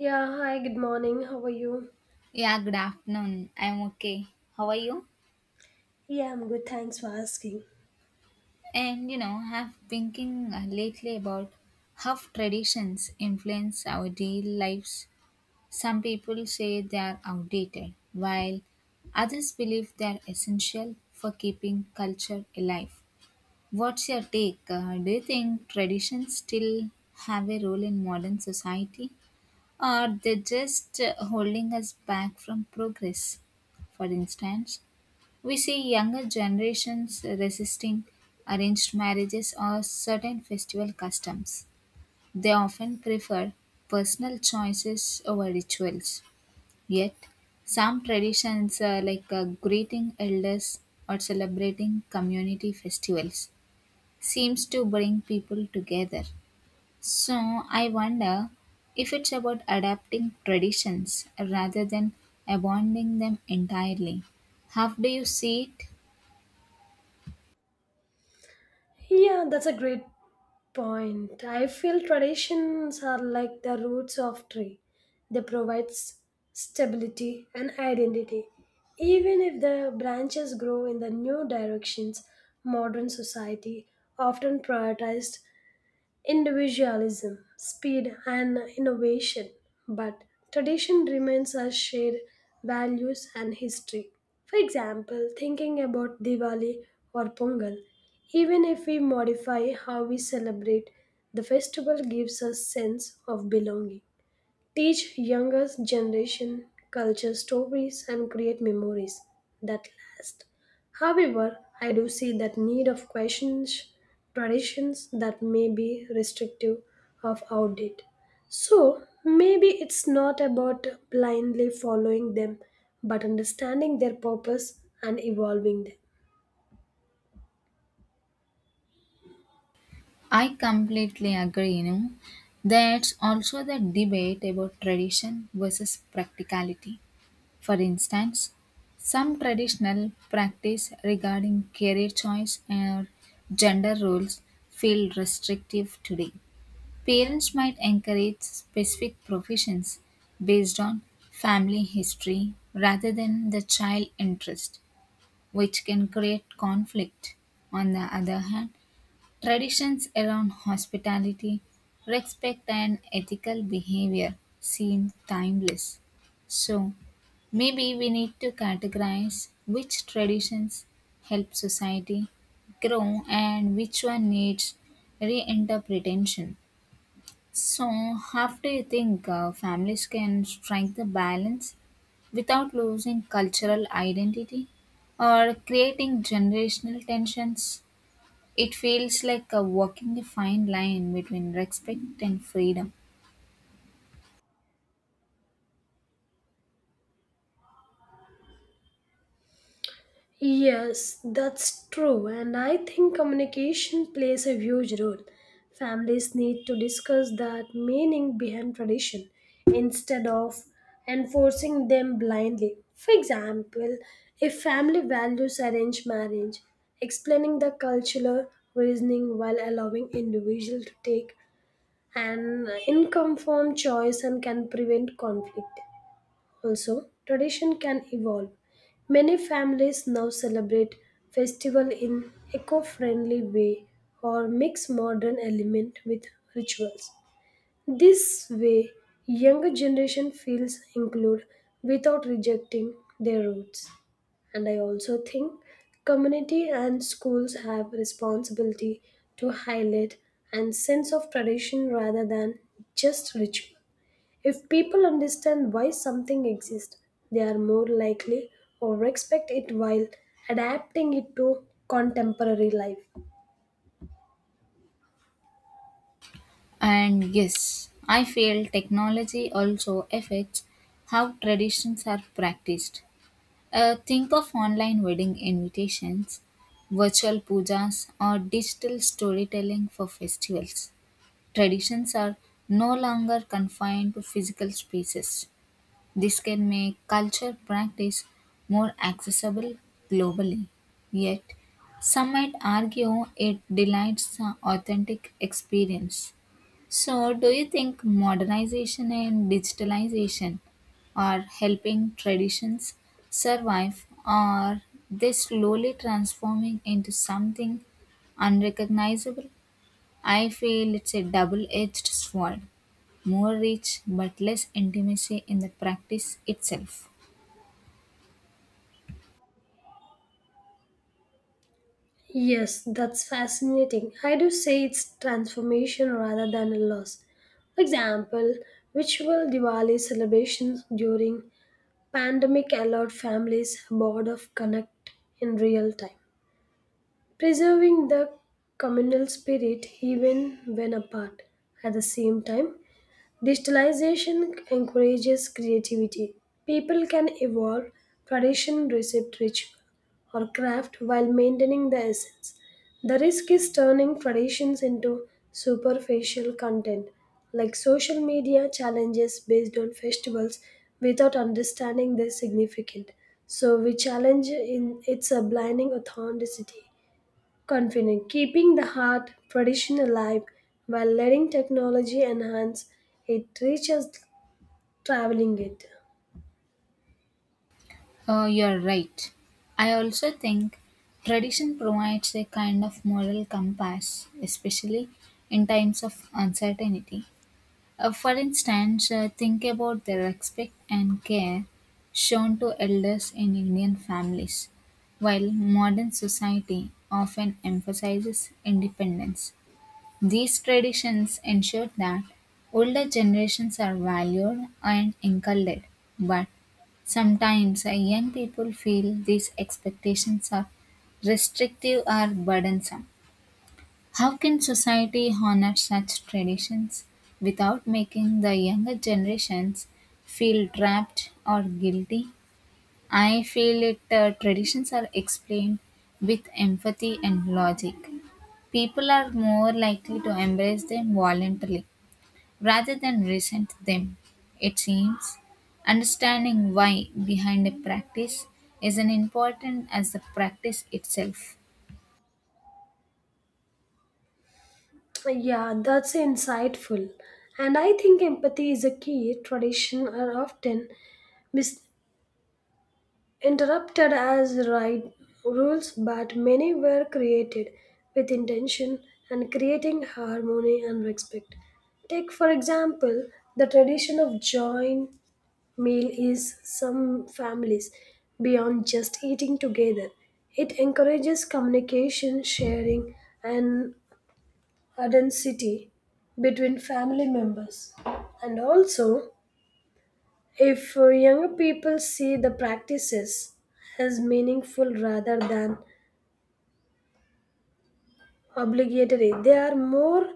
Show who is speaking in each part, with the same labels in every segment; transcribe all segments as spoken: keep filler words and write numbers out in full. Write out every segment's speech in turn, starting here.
Speaker 1: Yeah, hi, good morning. How are you?
Speaker 2: Yeah, good afternoon. I'm okay. How are you?
Speaker 1: Yeah, I'm good. Thanks for asking.
Speaker 2: And you know, I've been thinking uh, lately about how traditions influence our daily lives. Some people say they are outdated, while others believe they are essential for keeping culture alive. What's your take? Uh, do you think traditions still have a role in modern society, or they're just uh, holding us back from progress? For instance, we see younger generations resisting arranged marriages or certain festival customs. They often prefer personal choices over rituals. Yet, some traditions uh, like uh, greeting elders or celebrating community festivals seems to bring people together. So, I wonder if it's about adapting traditions rather than abandoning them entirely. How do you see it?
Speaker 1: Yeah, that's a great point. I feel traditions are like the roots of tree. They provide s- stability and identity. Even if the branches grow in the new directions, modern society often prioritized individualism, speed, and innovation, but tradition remains our shared values and history. For example, thinking about Diwali or Pongal, even if we modify how we celebrate, the festival gives us sense of belonging. Teach younger generation culture stories and create memories that last. However, I do see that need of questions traditions that may be restrictive of outdated. So maybe it's not about blindly following them, but understanding their purpose and evolving them.
Speaker 2: I completely agree, you know. There's also the debate about tradition versus practicality. For instance, some traditional practice regarding career choice or gender roles feel restrictive today. Parents might encourage specific professions based on family history rather than the child interest, which can create conflict. On the other hand, traditions around hospitality, respect, and ethical behavior seem timeless. So, maybe we need to categorize which traditions help society grow and which one needs reinterpretation. So, how do you think uh, families can strike the balance without losing cultural identity or creating generational tensions? It feels like a walking a fine line between respect and freedom.
Speaker 1: Yes, that's true, and I think communication plays a huge role. Families need to discuss that meaning behind tradition instead of enforcing them blindly. For example, if family values arrange marriage, explaining the cultural reasoning while allowing individual to take an informed choice and can prevent conflict. Also, tradition can evolve. Many families now celebrate festival in eco-friendly way or mix modern element with rituals. This way, younger generation feels included without rejecting their roots. And I also think community and schools have responsibility to highlight and sense of tradition rather than just ritual. If people understand why something exists, they are more likely or respect it while adapting it to contemporary life.
Speaker 2: And yes, I feel technology also affects how traditions are practiced. Uh, think of online wedding invitations, virtual pujas, or digital storytelling for festivals. Traditions are no longer confined to physical spaces. This can make culture practice more accessible globally. Yet, some might argue it delights the authentic experience. So, do you think modernization and digitalization are helping traditions survive, or they slowly transforming into something unrecognizable? I feel it's a double edged sword. More reach but less intimacy in the practice itself.
Speaker 1: Yes, that's fascinating. I do say it's transformation rather than a loss. For example, virtual Diwali celebrations during pandemic allowed families board of connect in real time, preserving the communal spirit even when apart. At the same time, digitalization encourages creativity. People can evolve tradition, receipt, ritual, or craft while maintaining the essence. The risk is turning traditions into superficial content, like social media challenges based on festivals without understanding their significance. So we challenge in its a blinding authenticity. Confident, keeping the heart tradition alive while letting technology enhance it reaches traveling it.
Speaker 2: Oh, you're right. I also think tradition provides a kind of moral compass, especially in times of uncertainty. Uh, for instance, uh, think about the respect and care shown to elders in Indian families, while modern society often emphasizes independence. These traditions ensure that older generations are valued and encouraged, but sometimes uh, young people feel these expectations are restrictive or burdensome. How can society honor such traditions without making the younger generations feel trapped or guilty? I feel it uh, traditions are explained with empathy and logic. People are more likely to embrace them voluntarily rather than resent them. It seems understanding why behind a practice is as important as the practice itself.
Speaker 1: Yeah, that's insightful. And I think empathy is a key. Tradition are often misinterpreted as right rules, but many were created with intention and creating harmony and respect. Take, for example, the tradition of join. Meal is some families beyond just eating together. It encourages communication, sharing, and authenticity between family members. And also, if uh, younger people see the practices as meaningful rather than obligatory, they are more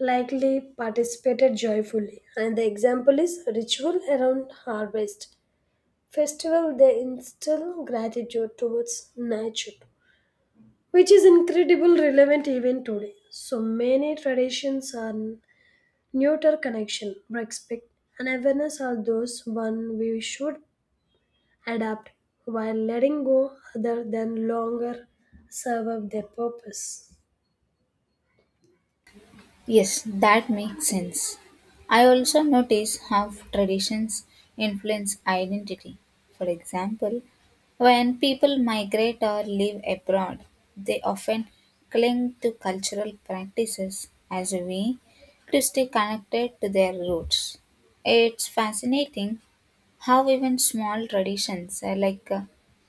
Speaker 1: likely participated joyfully. And the example is ritual around harvest festival they instill gratitude towards nature, which is incredible relevant even today. So many traditions are neuter connection respect and awareness are those one we should adapt while letting go other than longer serve their purpose.
Speaker 2: Yes, that makes sense. I also notice how traditions influence identity. For example, when people migrate or live abroad, they often cling to cultural practices as a way to stay connected to their roots. It's fascinating how even small traditions uh, like uh,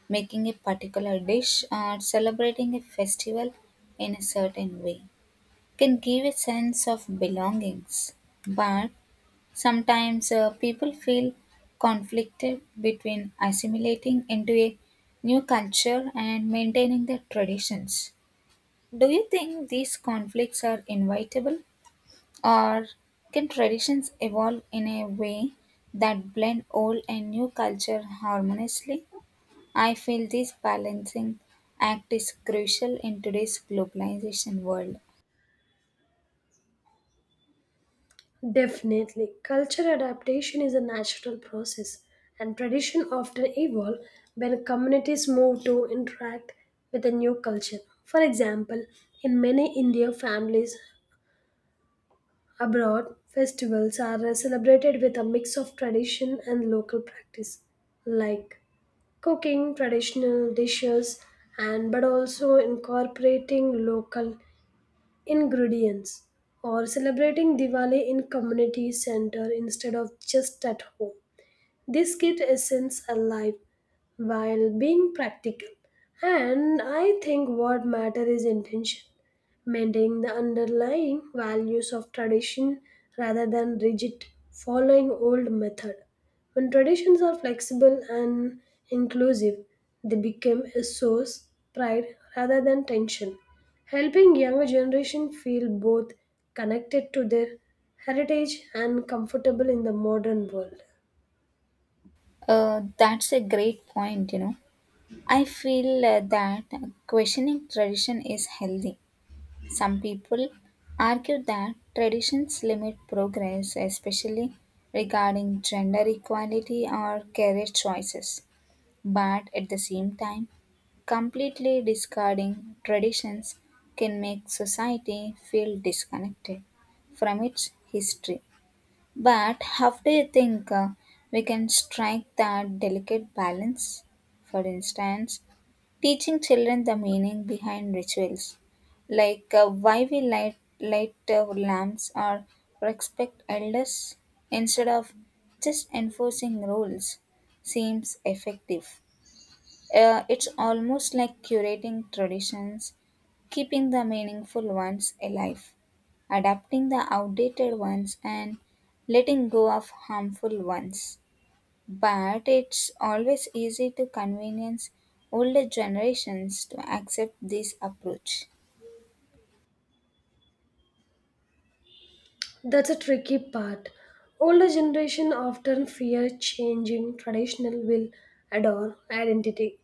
Speaker 2: making a particular dish or celebrating a festival in a certain way can give a sense of belongings, but sometimes uh, people feel conflicted between assimilating into a new culture and maintaining their traditions. Do you think these conflicts are inevitable, or can traditions evolve in a way that blend old and new culture harmoniously? I feel this balancing act is crucial in today's globalization world.
Speaker 1: Definitely. Culture adaptation is a natural process, and tradition often evolve when communities move to interact with a new culture. For example, in many Indian families abroad, festivals are celebrated with a mix of tradition and local practice, like cooking traditional dishes and but also incorporating local ingredients or celebrating Diwali in community center instead of just at home. This keeps essence alive while being practical. And I think what matters is intention, maintaining the underlying values of tradition rather than rigid following old method. When traditions are flexible and inclusive, they become a source pride rather than tension, helping younger generation feel both connected to their heritage and comfortable in the modern world.
Speaker 2: Uh, that's a great point, you know. I feel uh, that questioning tradition is healthy. Some people argue that traditions limit progress, especially regarding gender equality or career choices. But at the same time, completely discarding traditions can make society feel disconnected from its history. But how do you think uh, we can strike that delicate balance? For instance, teaching children the meaning behind rituals, like uh, why we light, light uh, lamps or respect elders instead of just enforcing rules, seems effective. Uh, it's almost like curating traditions, keeping the meaningful ones alive, adapting the outdated ones, and letting go of harmful ones. But it's always easy to convenience older generations to accept this approach.
Speaker 1: That's a tricky part. Older generation often fear changing traditional will adore identity,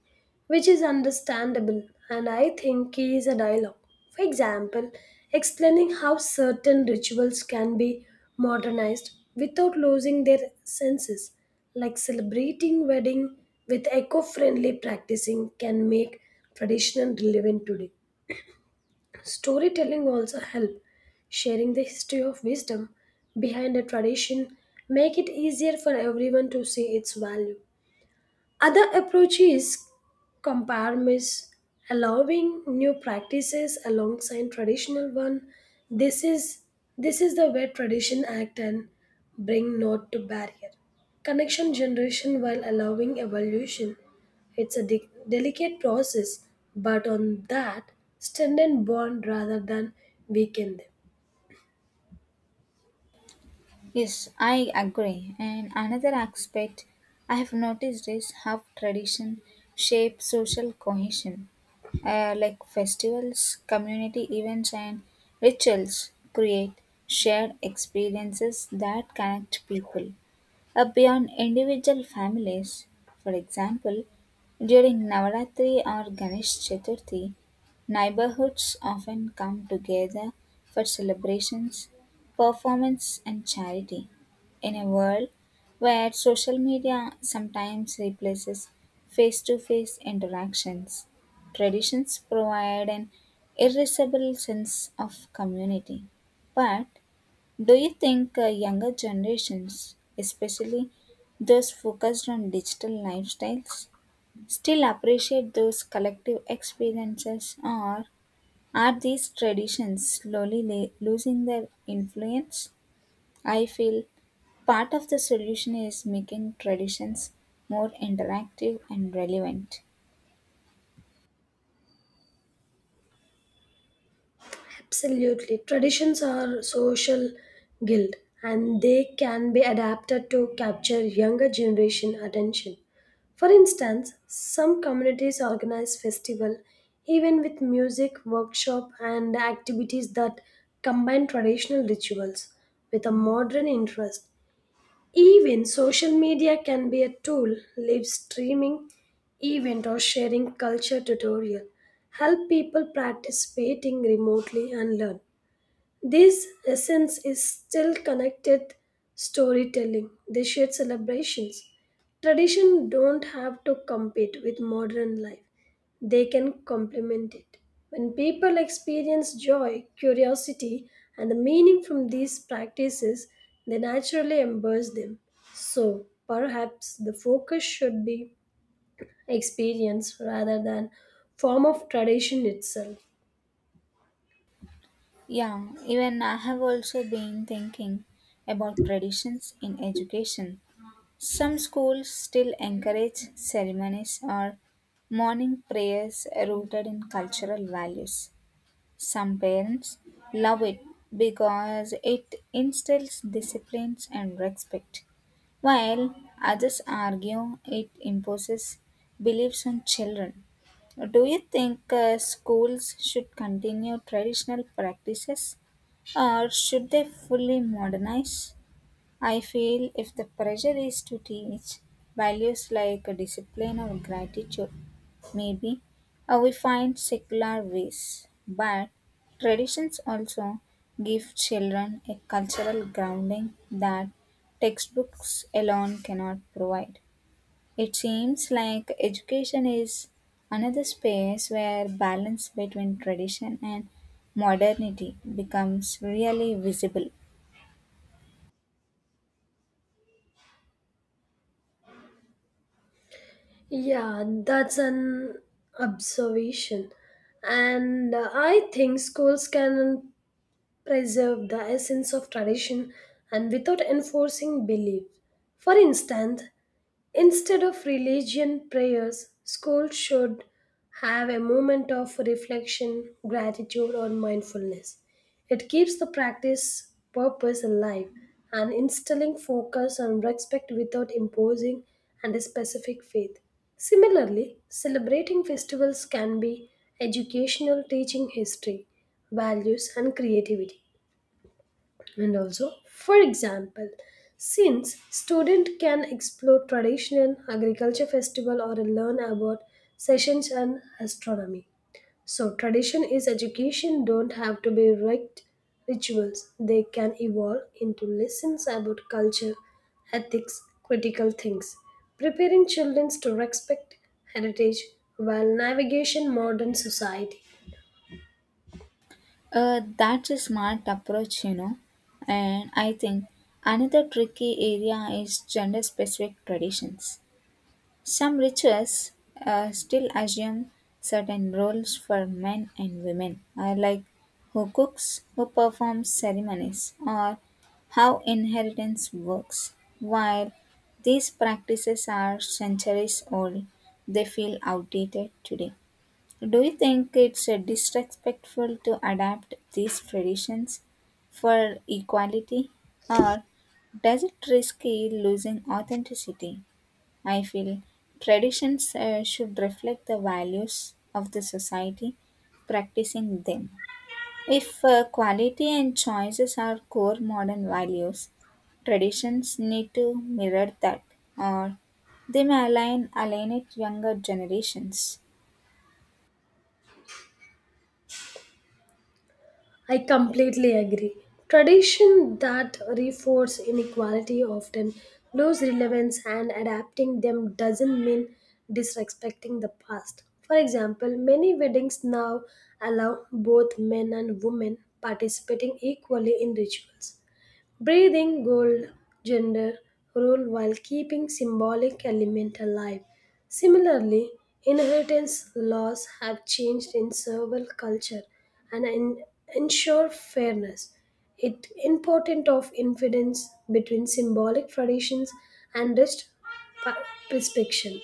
Speaker 1: which is understandable, and I think key is a dialogue. For example, explaining how certain rituals can be modernized without losing their senses, like celebrating wedding with eco-friendly practicing can make tradition relevant today. Storytelling also help sharing the history of wisdom behind a tradition make it easier for everyone to see its value. Other approach is comparmis, allowing new practices alongside traditional one. This is this is the way tradition act and bring not to barrier. Connection generation while allowing evolution. It's a de- delicate process, but on that, strengthen bond rather than weaken them.
Speaker 2: Yes, I agree. And another aspect I have noticed is how tradition shapes social cohesion. Uh, like festivals, community events, and rituals create shared experiences that connect people uh, beyond individual families. For example, during Navaratri or Ganesh Chaturthi, neighborhoods often come together for celebrations, performance, and charity. In a world where social media sometimes replaces face to face interactions, traditions provide an irreplaceable sense of community. But do you think uh, younger generations, especially those focused on digital lifestyles, still appreciate those collective experiences, or are these traditions slowly la- losing their influence? I feel part of the solution is making traditions more interactive and relevant.
Speaker 1: Absolutely. Traditions are social guild and they can be adapted to capture younger generation attention. For instance, some communities organize festival even with music, workshop and activities that combine traditional rituals with a modern interest. Even social media can be a tool, live streaming event or sharing culture tutorial help people participating remotely and learn. This essence is still connected storytelling, they shared celebrations. Tradition don't have to compete with modern life. They can complement it. When people experience joy, curiosity, and the meaning from these practices, they naturally embrace them. So perhaps the focus should be experience rather than form of tradition itself.
Speaker 2: Yeah, even I have also been thinking about traditions in education. Some schools still encourage ceremonies or morning prayers rooted in cultural values. Some parents love it because it instills discipline and respect, while others argue it imposes beliefs on children. Do you think uh, schools should continue traditional practices, or should they fully modernize? I feel if the pressure is to teach values like discipline or gratitude, maybe uh, we find secular ways. But traditions also give children a cultural grounding that textbooks alone cannot provide. It seems like education is another space where balance between tradition and modernity becomes really visible.
Speaker 1: Yeah, that's an observation. And uh, I think schools can preserve the essence of tradition and without enforcing belief. For instance, instead of religion prayers, schools should have a moment of reflection, gratitude, or mindfulness. It keeps the practice purpose alive and instilling focus on respect without imposing and a specific faith. Similarly, celebrating festivals can be educational, teaching history, values, and creativity. And also, for example, since student can explore traditional agriculture festival or learn about sessions and astronomy. So tradition is education don't have to be rict rituals. They can evolve into lessons about culture, ethics, critical things, preparing children to respect heritage while navigation modern society.
Speaker 2: Uh, that's a smart approach, you know. And I think another tricky area is gender specific traditions. Some rituals uh, still assume certain roles for men and women, uh, like who cooks, who performs ceremonies, or how inheritance works. While these practices are centuries old, they feel outdated today. Do you think it's uh, disrespectful to adapt these traditions for equality, or does it risk losing authenticity? I feel traditions uh, should reflect the values of the society practicing them. If uh, quality and choices are core modern values, traditions need to mirror that, or they may align alienate younger generations.
Speaker 1: I completely agree. Tradition that reinforce inequality often lose relevance and adapting them doesn't mean disrespecting the past. For example, many weddings now allow both men and women participating equally in rituals breathing gold gender rule while keeping symbolic element alive. Similarly, inheritance laws have changed in several culture and en- ensure fairness. It important of infidence between symbolic traditions and rich pa- prescription.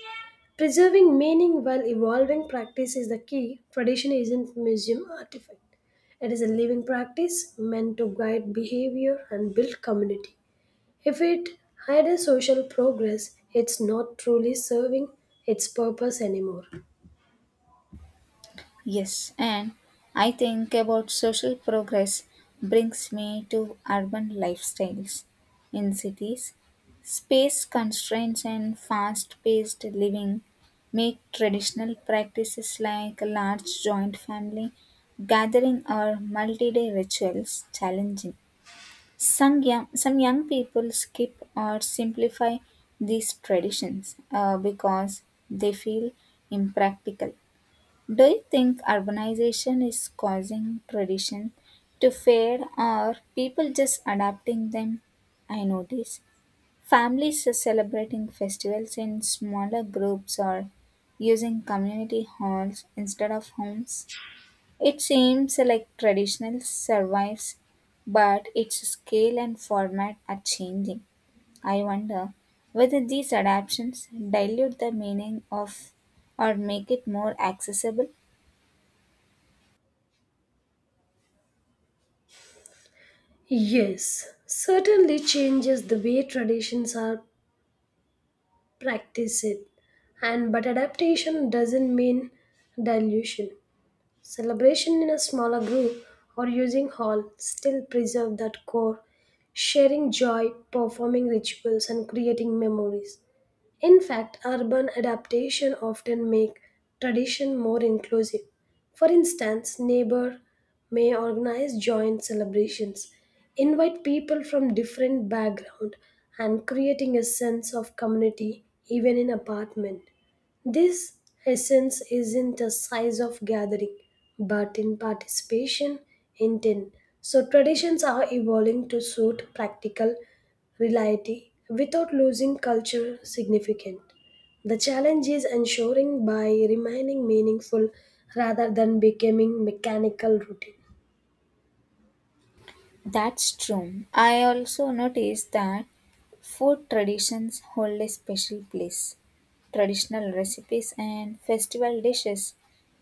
Speaker 1: Preserving meaning while evolving practice is the key. Tradition isn't museum artifact. It is a living practice meant to guide behavior and build community. If it hides social progress, it's not truly serving its purpose anymore.
Speaker 2: Yes, and I think about social progress brings me to urban lifestyles. In cities, space constraints and fast paced living make traditional practices like a large joint family gathering or multi day rituals challenging. Some young, some young people skip or simplify these traditions uh, because they feel impractical. Do you think urbanization is causing tradition to fade, or people just adapting them? I notice families are celebrating festivals in smaller groups or using community halls instead of homes. It seems like traditional survives, but its scale and format are changing. I wonder whether these adaptations dilute the meaning of or make it more accessible.
Speaker 1: Yes, certainly changes the way traditions are practiced, and but adaptation doesn't mean dilution. Celebration in a smaller group or using hall still preserve that core, sharing joy, performing rituals and creating memories. In fact, urban adaptation often make tradition more inclusive. For instance, neighbor may organize joint celebrations, invite people from different background and creating a sense of community even in apartment. This essence is in the size of gathering, but in participation intent. So traditions are evolving to suit practical reality without losing culture significant. The challenge is ensuring by remaining meaningful rather than becoming mechanical routine.
Speaker 2: That's true. I also noticed that food traditions hold a special place. Traditional recipes and festival dishes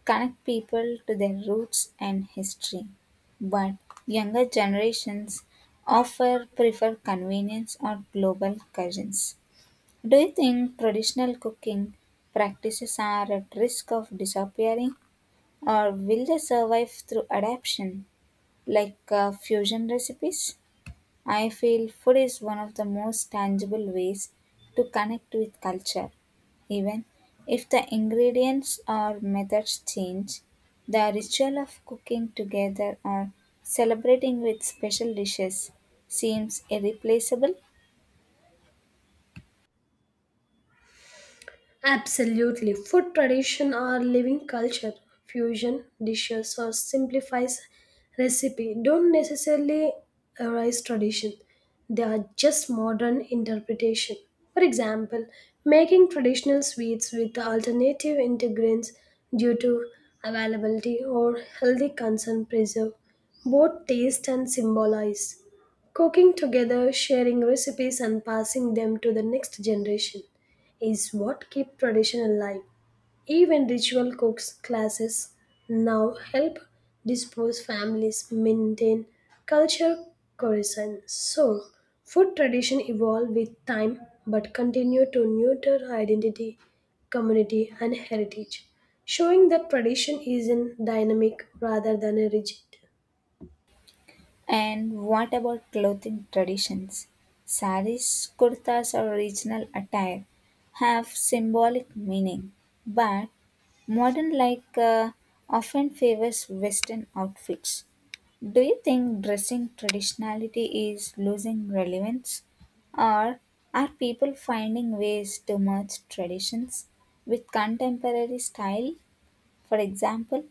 Speaker 2: connect people to their roots and history. But younger generations often prefer convenience or global cuisines. Do you think traditional cooking practices are at risk of disappearing, or will they survive through adaptation like uh, fusion recipes? I feel food is one of the most tangible ways to connect with culture. Even if the ingredients or methods change, the ritual of cooking together or celebrating with special dishes seems irreplaceable.
Speaker 1: Absolutely. Food tradition or living culture, fusion dishes or simplifies recipe don't necessarily arise tradition. They are just modern interpretation. For example, making traditional sweets with alternative ingredients due to availability or healthy concern preserve both taste and symbolize. Cooking together, sharing recipes and passing them to the next generation is what keep tradition alive. Even ritual cooks classes now help dispose families maintain culture cohesion. So food tradition evolve with time but continue to nurture identity, community and heritage, showing that tradition is in dynamic rather than a rigid.
Speaker 2: And what about clothing traditions? Saris, kurtas, or regional attire have symbolic meaning, but modern like uh, often favors Western outfits. Do you think dressing traditionality is losing relevance, or are people finding ways to merge traditions with contemporary style? For example,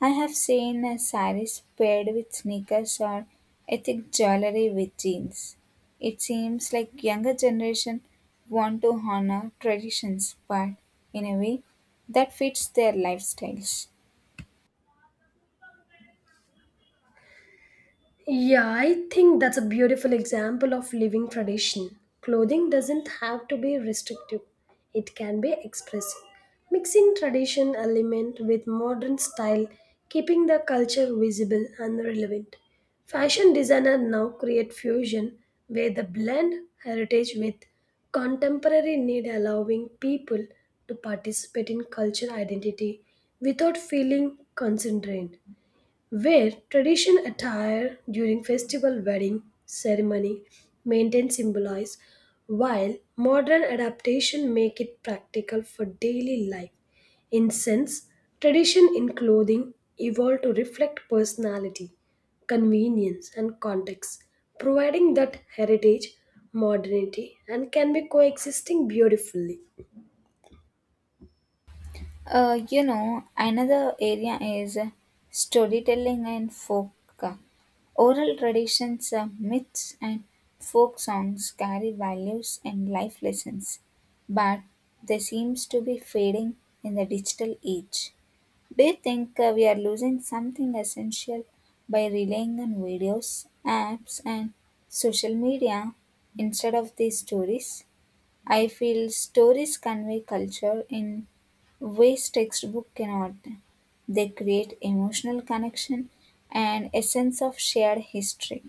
Speaker 2: I have seen a saris paired with sneakers or ethnic jewelry with jeans. It seems like younger generation want to honor traditions, but in a way that fits their lifestyles.
Speaker 1: Yeah, I think that's a beautiful example of living tradition. Clothing doesn't have to be restrictive, it can be expressive. Mixing tradition element with modern style, keeping the culture visible and relevant. Fashion designers now create fusion where they blend heritage with contemporary need allowing people to participate in cultural identity without feeling constrained. Wear tradition attire during festival wedding ceremony maintain symbolize while modern adaptation make it practical for daily life. In sense, tradition in clothing evolved to reflect personality, convenience and context, providing that heritage, modernity and can be coexisting beautifully.
Speaker 2: Uh, you know, another area is storytelling and folk. Oral traditions, uh, myths, and folk songs carry values and life lessons, but they seems to be fading in the digital age. Do you think uh, we are losing something essential by relying on videos, apps, and social media instead of these stories? I feel stories convey culture in ways textbook cannot. They create emotional connection and a sense of shared history.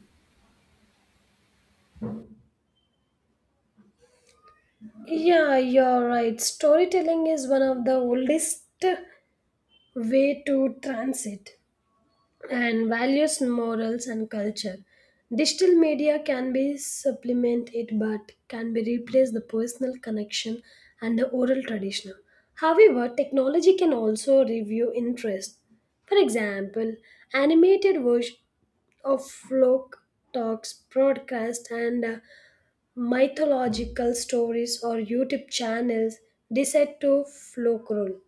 Speaker 1: Yeah, you're right. Storytelling is one of the oldest way to transit and values, morals, and culture. Digital media can be supplement it, but can be replace the personal connection and the oral traditional. However, technology can also review interest. For example, animated version of folk talks broadcast and uh, mythological stories or YouTube channels decide to folklore.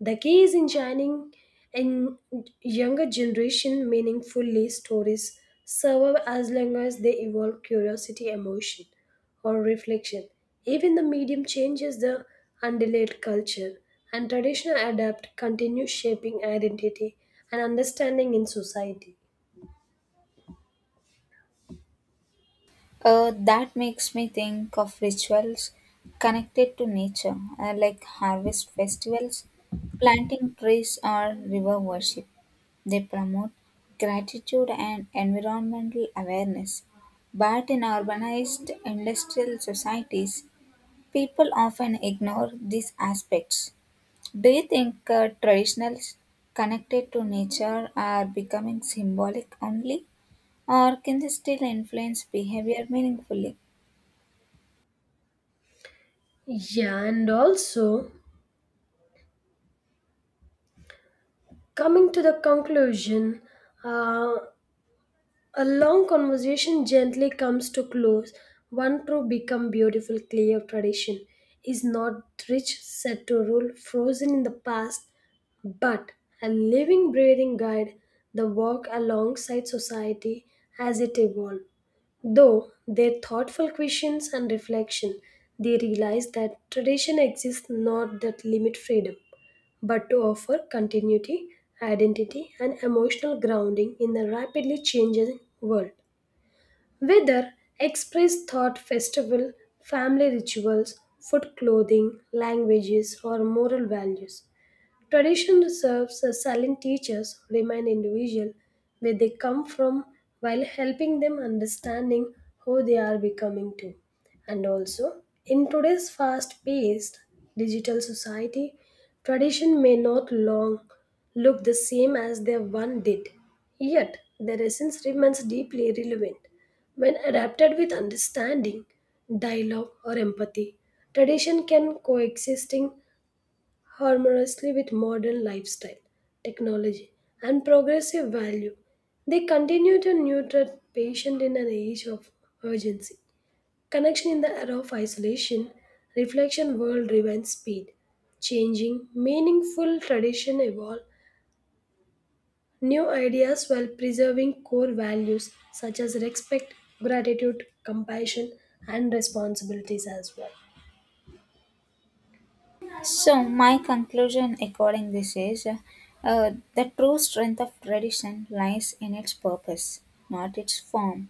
Speaker 1: The key is in shining in younger generation meaningfully stories serve as long as they evoke curiosity, emotion, or reflection. Even the medium changes the underlaid culture and traditional adapt continue shaping identity and understanding in society.
Speaker 2: Uh, that makes me think of rituals connected to nature, uh, like harvest festivals, planting trees, or river worship. They promote gratitude and environmental awareness. But in urbanized industrial societies, people often ignore these aspects. Do you think uh, traditionals connected to nature are becoming symbolic only, or can they still influence behavior meaningfully?
Speaker 1: Yeah, and also coming to the conclusion, uh, a long conversation gently comes to close. One true become beautiful, clear tradition is not rich, set to rule, frozen in the past, but a living, breathing guide, the walk alongside society as it evolves. Though their thoughtful questions and reflection, they realize that tradition exists not that limit freedom, but to offer continuity, identity, and emotional grounding in the rapidly changing world. Whether express thought festival, family rituals, food clothing, languages, or moral values, tradition serves as silent teachers who remind individuals where they come from while helping them understanding who they are becoming to. And also, in today's fast-paced digital society, tradition may not long look the same as they once did. Yet, their essence remains deeply relevant. When adapted with understanding, dialogue, or empathy, tradition can coexisting harmoniously with modern lifestyle, technology, and progressive value. They continue to nurture patient in an age of urgency. Connection in the era of isolation, reflection world driven speed, changing, meaningful tradition evolve, new ideas while preserving core values such as respect, gratitude, compassion, and responsibilities as well.
Speaker 2: So, my conclusion according this is uh, uh, the true strength of tradition lies in its purpose, not its form.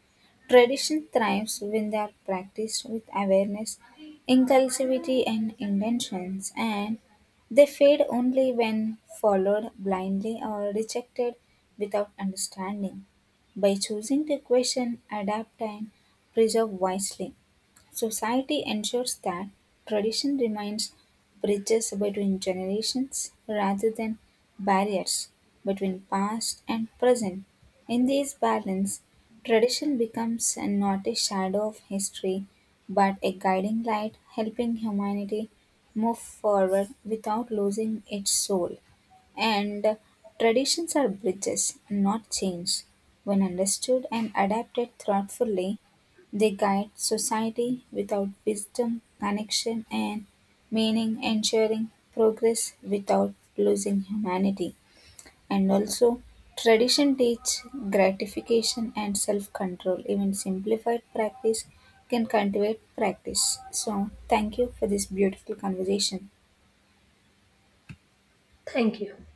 Speaker 2: Tradition thrives when they are practiced with awareness, inclusivity, and intentions, and they fade only when followed blindly or rejected without understanding. By choosing to question, adapt, and preserve wisely, society ensures that tradition remains bridges between generations rather than barriers between past and present. In this balance, tradition becomes not a shadow of history but a guiding light helping humanity move forward without losing its soul. And traditions are bridges, not chains. When understood and adapted thoughtfully, they guide society without wisdom, connection, and meaning, ensuring progress without losing humanity. And also, tradition teach gratification and self-control. Even simplified practice can cultivate practice. So, thank you for this beautiful conversation.
Speaker 1: Thank you.